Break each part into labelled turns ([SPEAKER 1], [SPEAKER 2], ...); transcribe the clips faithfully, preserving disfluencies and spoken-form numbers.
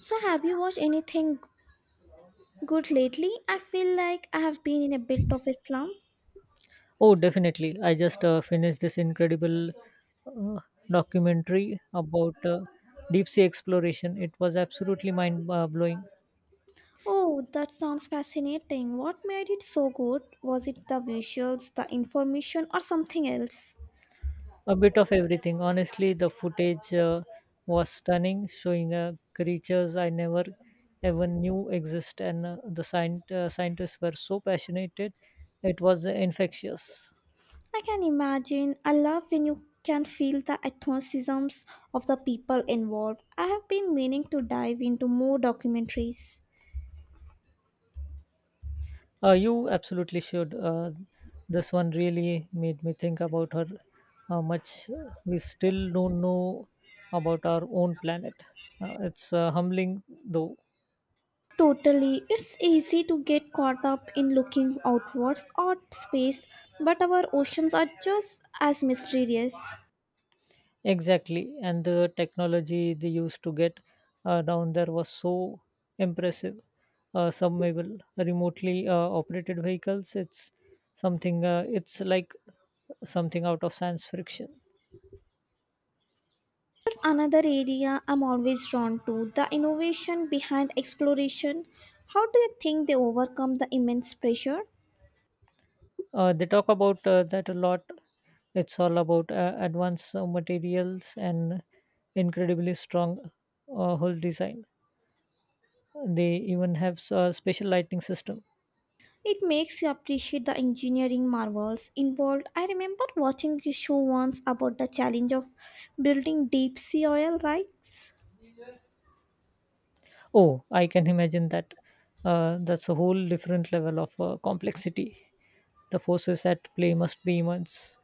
[SPEAKER 1] So, have you watched anything good lately? I feel like I have been in a bit of a slump.
[SPEAKER 2] Oh, definitely. I just uh, finished this incredible uh, documentary about uh, deep sea exploration. It was absolutely mind uh, blowing.
[SPEAKER 1] Oh, that sounds fascinating. What made it so good? Was it the visuals, the information, or something else?
[SPEAKER 2] A bit of everything. Honestly, the footage uh, was stunning, showing uh, creatures I never even knew exist, and uh, the scient- uh, scientists were so passionate. It was infectious.
[SPEAKER 1] I can imagine. I love when you can feel the enthusiasms of the people involved. I have been meaning to dive into more documentaries.
[SPEAKER 2] Uh, you absolutely should. Uh, this one really made me think about her how much we still don't know about our own planet. Uh, it's uh, humbling, though.
[SPEAKER 1] Totally. It's easy to get caught up in looking outwards at space, but our oceans are just as mysterious.
[SPEAKER 2] Exactly, and the technology they used to get uh, down there was so impressive. Uh, submersible, remotely uh, operated vehicles. It's something. Uh, it's like something out of science fiction.
[SPEAKER 1] Another area I'm always drawn to the innovation behind exploration. How do you think they overcome the immense pressure?
[SPEAKER 2] Uh, they talk about uh, that a lot. It's all about uh, advanced uh, materials and incredibly strong uh, hull design. They even have a special lighting system.
[SPEAKER 1] It makes you appreciate the engineering marvels involved. I remember watching a show once about the challenge of building deep sea oil rigs.
[SPEAKER 2] Oh, I can imagine that. Uh, that's a whole different level of uh, complexity. The forces at play must be immense.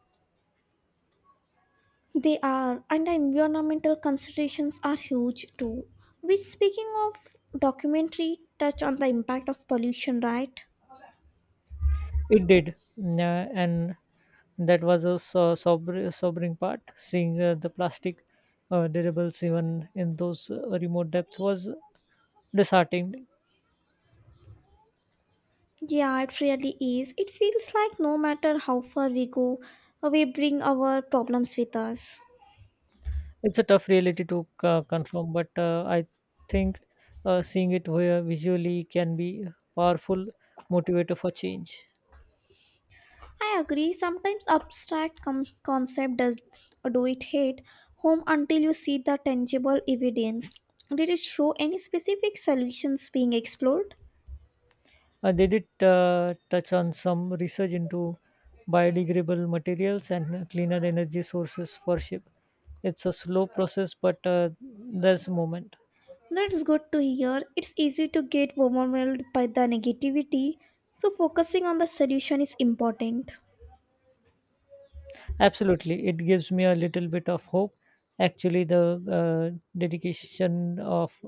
[SPEAKER 1] They are, and the environmental considerations are huge too. Which, speaking of documentary, touch on the impact of pollution, right?
[SPEAKER 2] It did, mm, uh, and that was a so- sober, sobering part. Seeing uh, the plastic uh, dirigibles even in those uh, remote depths was disheartening.
[SPEAKER 1] Yeah, it really is. It feels like no matter how far we go, we bring our problems with us.
[SPEAKER 2] It's a tough reality to uh, confirm, but uh, I think uh, seeing it vi- visually can be a powerful motivator for change.
[SPEAKER 1] I agree, sometimes abstract com- concept does do it hit home until you see the tangible evidence. Did it show any specific solutions being explored?
[SPEAKER 2] Uh, they did uh, touch on some research into biodegradable materials and uh, cleaner energy sources for ship. It's a slow process, but uh, there's a moment.
[SPEAKER 1] That's good to hear. It's easy to get overwhelmed by the negativity, so focusing on the solution is important.
[SPEAKER 2] Absolutely, it gives me a little bit of hope. Actually, the uh, dedication of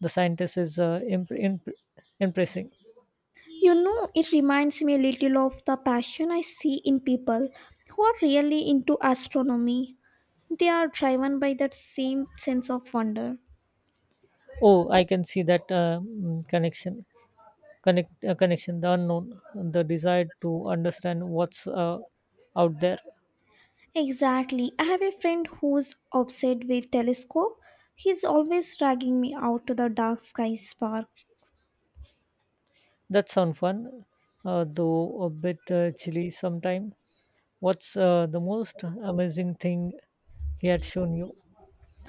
[SPEAKER 2] the scientists is uh, imp- imp- impressing.
[SPEAKER 1] You know, it reminds me a little of the passion I see in people who are really into astronomy. They are driven by that same sense of wonder.
[SPEAKER 2] Oh, I can see that uh, mm, connection. Connect uh, connection, the unknown, the desire to understand what's uh, out there.
[SPEAKER 1] Exactly. I have a friend who's obsessed with telescope. He's always dragging me out to the dark sky park.
[SPEAKER 2] That sounds fun, uh, though a bit uh, chilly sometime. What's uh, the most amazing thing he had shown you?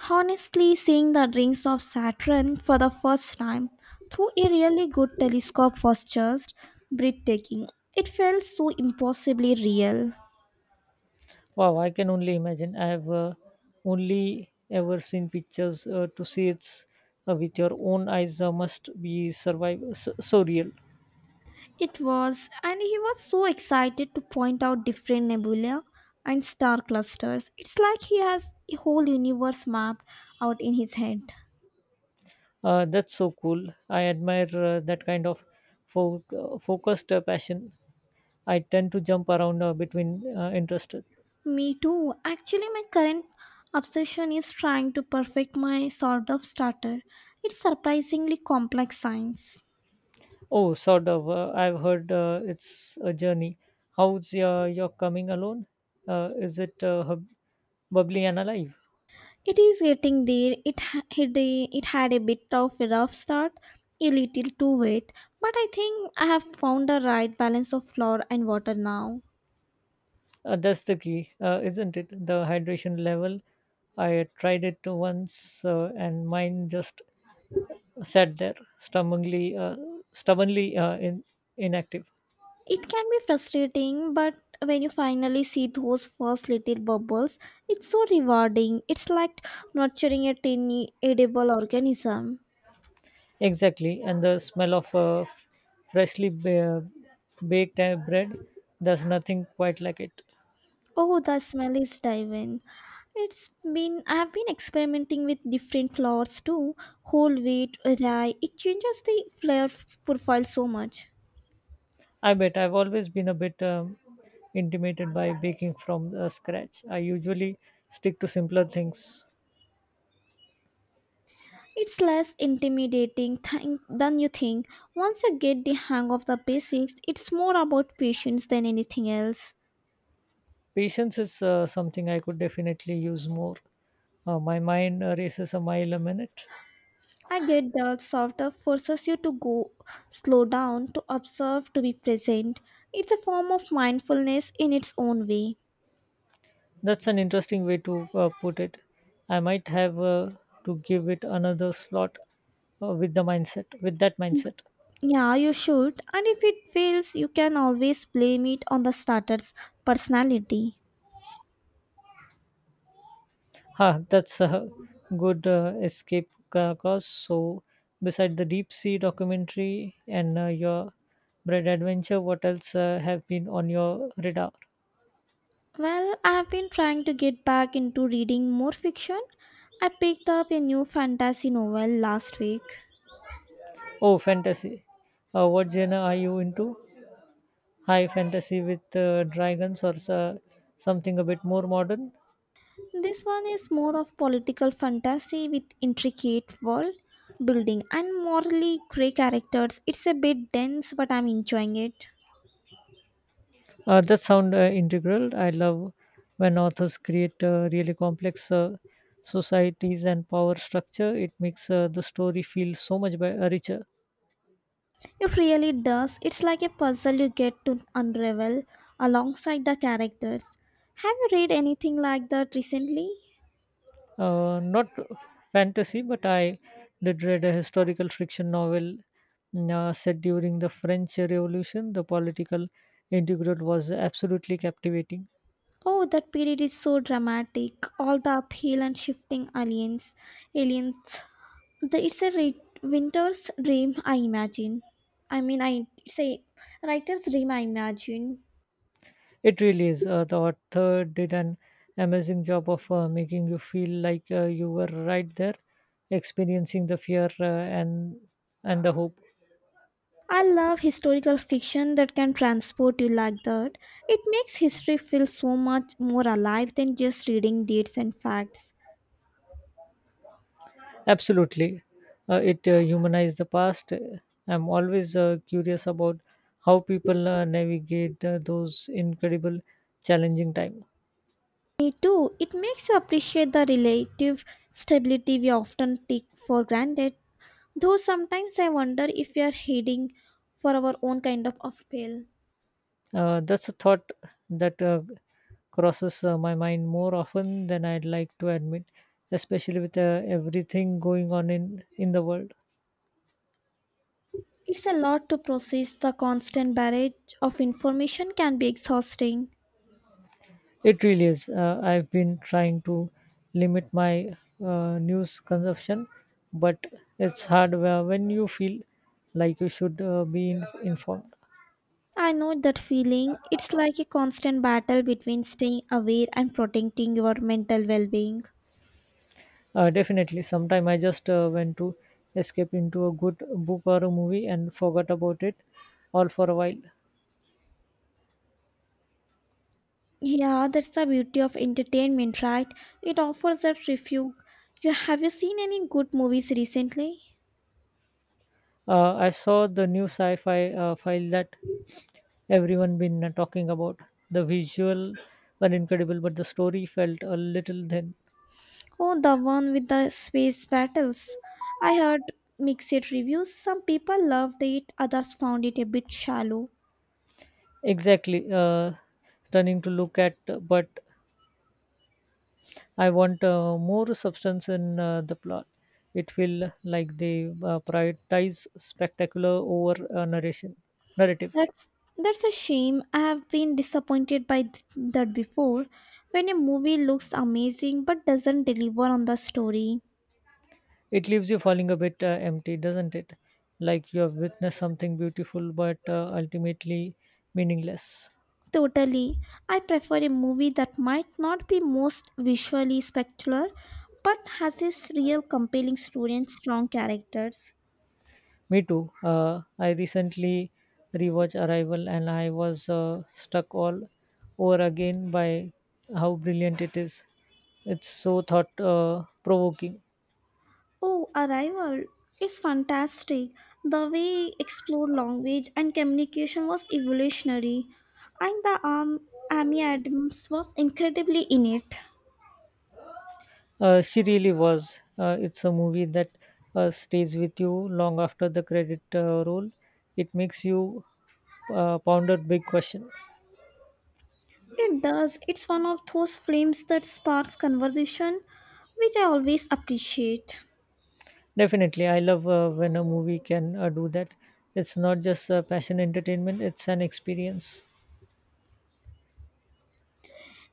[SPEAKER 1] Honestly, seeing the rings of Saturn for the first time through a really good telescope was just breathtaking. It felt so impossibly real.
[SPEAKER 2] Wow, I can only imagine. I have uh, only ever seen pictures. Uh, to see it's uh, with your own eyes uh, must be survive so, so real.
[SPEAKER 1] It was, and he was so excited to point out different nebula and star clusters. It's like he has a whole universe mapped out in his head.
[SPEAKER 2] Uh, that's so cool. I admire uh, that kind of fo- uh, focused uh, passion. I tend to jump around uh, between uh, interests.
[SPEAKER 1] Me too. Actually, my current obsession is trying to perfect my sort of starter. It's surprisingly complex science.
[SPEAKER 2] Oh, sort of. Uh, I've heard uh, it's a journey. How's your, your coming alone? Uh, is it uh, hub- bubbly and alive?
[SPEAKER 1] It is getting there. It ha- had a, it had a bit of a rough start, a little too wet, but I think I have found the right balance of flour and water now.
[SPEAKER 2] Uh, that's the key, uh, isn't it? The hydration level. I tried it once, uh, and mine just sat there, stubbornly, uh, stubbornly uh, in, inactive.
[SPEAKER 1] It can be frustrating, but when you finally see those first little bubbles, it's so rewarding. It's like nurturing a tiny edible organism.
[SPEAKER 2] Exactly, and the smell of uh, freshly ba- baked uh, bread. There's nothing quite like it.
[SPEAKER 1] Oh, the smell is divine. It's been I have been experimenting with different flours too, whole wheat, rye. It changes the flavor profile so much.
[SPEAKER 2] I bet I've always been a bit um, intimidated by baking from uh, scratch. I usually stick to simpler things.
[SPEAKER 1] It's less intimidating thing than you think. Once you get the hang of the basics, it's more about patience than anything else.
[SPEAKER 2] Patience is uh, something I could definitely use more. Uh, my mind uh, races a mile a minute.
[SPEAKER 1] I get that Softer forces you to go slow down, to observe, to be present. It's a form of mindfulness in its own way.
[SPEAKER 2] That's an interesting way to uh, put it. I might have uh, to give it another slot uh, with the mindset, with that mindset.
[SPEAKER 1] Yeah, you should, and if it fails, you can always blame it on the starter's personality.
[SPEAKER 2] Huh, that's a good uh, escape ca- course. So, beside the deep sea documentary and uh, your bread adventure, what else uh, have been on your radar?
[SPEAKER 1] Well, I have been trying to get back into reading more fiction. I picked up a new fantasy novel last week.
[SPEAKER 2] Oh, fantasy. Uh, what genre are you into? High fantasy with uh, dragons or so- something a bit more modern?
[SPEAKER 1] This one is more of political fantasy with intricate world building and morally grey characters. It's a bit dense, but I'm enjoying it.
[SPEAKER 2] Uh, that sound uh, integral. I love when authors create uh, really complex uh, societies and power structure. It makes uh, the story feel so much be- richer.
[SPEAKER 1] It really does. It's like a puzzle you get to unravel alongside the characters. Have you read anything like that recently?
[SPEAKER 2] Uh, not fantasy, but I did read a historical fiction novel mm, uh, set during the French Revolution. The political intrigue was absolutely captivating.
[SPEAKER 1] Oh, that period is so dramatic. All the uphill and shifting aliens, aliens. The, it's a re- winter's dream, I imagine. I mean, I say, writer's dream, I imagine.
[SPEAKER 2] It really is. Uh, the author did an amazing job of uh, making you feel like uh, you were right there, experiencing the fear uh, and and the hope.
[SPEAKER 1] I love historical fiction that can transport you like that. It makes history feel so much more alive than just reading dates and facts.
[SPEAKER 2] Absolutely. Uh, it uh, humanized the past. I'm always uh, curious about how people uh, navigate uh, those incredible, challenging time.
[SPEAKER 1] Me too, it makes you appreciate the relative stability we often take for granted. Though sometimes I wonder if we are heading for our own kind of upheaval.
[SPEAKER 2] Uh, that's a thought that uh, crosses uh, my mind more often than I'd like to admit, especially with uh, everything going on in, in the world.
[SPEAKER 1] It's a lot to process, the constant barrage of information can be exhausting.
[SPEAKER 2] It really is. Uh, I've been trying to limit my uh, news consumption, but it's hard wh- when you feel like you should uh, be in- informed.
[SPEAKER 1] I know that feeling. It's like a constant battle between staying aware and protecting your mental well being.
[SPEAKER 2] Uh, definitely. Sometime I just uh, went to escape into a good book or a movie and forgot about it all for a while.
[SPEAKER 1] Yeah, that's the beauty of entertainment, right? It offers that refuge. You have you seen any good movies recently?
[SPEAKER 2] Uh, I saw the new sci-fi uh, file that everyone been uh, talking about. The visual were incredible, but the story felt a little thin.
[SPEAKER 1] Oh, the one with the space battles. I heard mixed reviews. Some people loved it, others found it a bit shallow.
[SPEAKER 2] Exactly, uh, stunning to look at, but I want uh, more substance in uh, the plot. It feel like they uh, prioritize spectacular over uh, narration narrative.
[SPEAKER 1] That's that's a shame. I have been disappointed by th- that before. When a movie looks amazing but doesn't deliver on the story.
[SPEAKER 2] It leaves you falling a bit uh, empty, doesn't it? Like you have witnessed something beautiful, but uh, ultimately meaningless.
[SPEAKER 1] Totally. I prefer a movie that might not be most visually spectacular but has a real compelling story and strong characters.
[SPEAKER 2] Me too. Uh, I recently rewatched Arrival and I was uh, struck all over again by how brilliant it is. It's so thought uh, provoking.
[SPEAKER 1] Oh, Arrival is fantastic. The way it explored language and communication was evolutionary, and the um, Amy Adams was incredibly in it.
[SPEAKER 2] Uh, she really was. Uh, it's a movie that uh, stays with you long after the credit uh, roll. It makes you uh, ponder big question.
[SPEAKER 1] It does. It's one of those films that sparks conversation, which I always appreciate.
[SPEAKER 2] Definitely, I love uh, when a movie can uh, do that. It's not just uh, passion entertainment; it's an experience.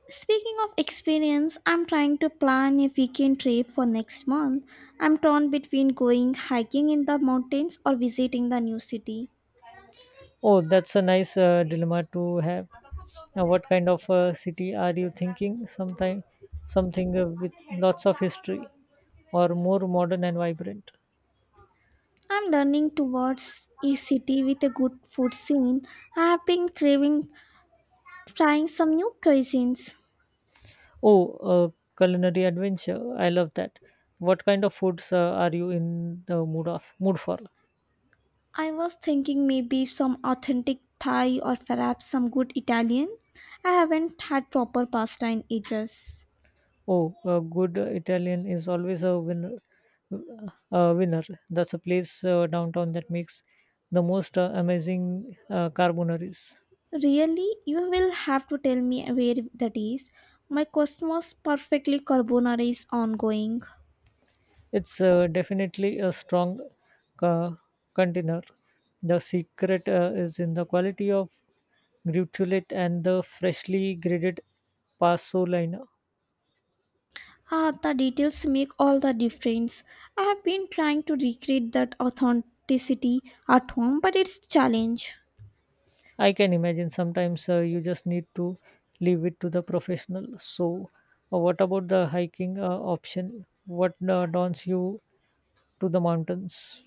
[SPEAKER 1] Speaking of experience, I'm trying to plan a weekend trip for next month. I'm torn between going hiking in the mountains or visiting the new city.
[SPEAKER 2] Oh, that's a nice uh, dilemma to have. Now, what kind of uh, city are you thinking? Sometime, something uh, with lots of history, or more modern and vibrant.
[SPEAKER 1] I'm learning towards a city with a good food scene. I have been craving trying some new cuisines.
[SPEAKER 2] Oh, a culinary adventure! I love that. What kind of foods uh, are you in the mood of mood for?
[SPEAKER 1] I was thinking maybe some authentic Thai or perhaps some good Italian. I haven't had proper pasta in ages.
[SPEAKER 2] Oh, a good Italian is always a winner. A winner. That's a place uh, downtown that makes the most uh, amazing uh, carbonaries.
[SPEAKER 1] Really, you will have to tell me where that is. My Cosmos Perfectly Carbonara is ongoing.
[SPEAKER 2] It's uh, definitely a strong uh, contender. The secret uh, is in the quality of gratulate and the freshly graded pasolina.
[SPEAKER 1] Ah, the details make all the difference. I have been trying to recreate that authenticity at home, but it's challenge.
[SPEAKER 2] I can imagine sometimes uh, you just need to leave it to the professional. So, uh, what about the hiking uh, option? What uh, dons you to the mountains?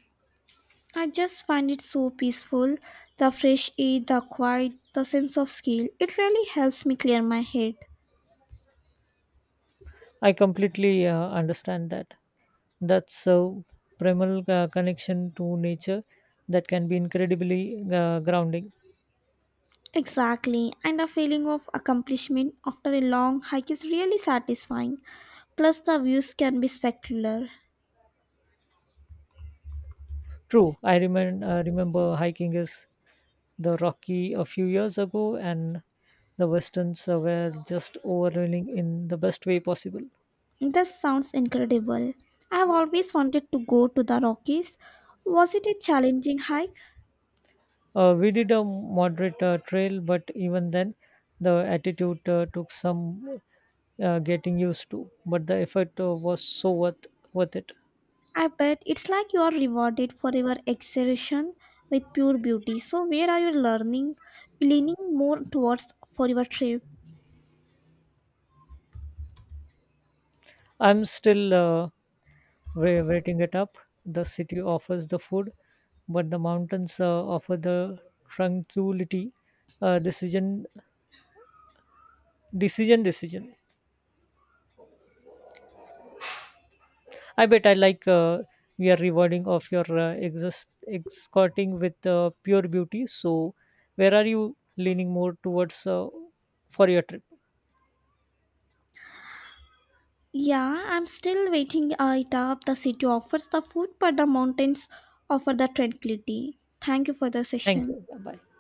[SPEAKER 1] I just find it so peaceful. The fresh air, the quiet, the sense of scale. It really helps me clear my head.
[SPEAKER 2] I completely uh, understand that. That's so primal uh, connection to nature that can be incredibly uh, grounding.
[SPEAKER 1] Exactly, and a feeling of accomplishment after a long hike is really satisfying. Plus, the views can be spectacular.
[SPEAKER 2] True, I remember uh, remember hiking is the Rocky a few years ago, and the westerns uh, were just overwhelming in the best way possible.
[SPEAKER 1] This sounds incredible. I've always wanted to go to the Rockies. Was it a challenging hike?
[SPEAKER 2] Uh, we did a moderate uh, trail, but even then, the attitude uh, took some uh, getting used to. But the effort uh, was so worth worth it.
[SPEAKER 1] I bet it's like you are rewarded for your exertion with pure beauty. So where are you learning leaning more towards for your trip?
[SPEAKER 2] I'm still uh, wa- waiting it up. The city offers the food, but the mountains uh, offer the tranquility. Uh, decision, decision, decision. I bet I like uh, your rewarding of your uh, exas- escorting with uh, pure beauty. So, where are you leaning more towards uh, for your trip?
[SPEAKER 1] Yeah, I'm still waiting uh, it up. The city offers the food, but the mountains offer the tranquility. Thank you for the
[SPEAKER 2] Thank
[SPEAKER 1] session.
[SPEAKER 2] you. Bye.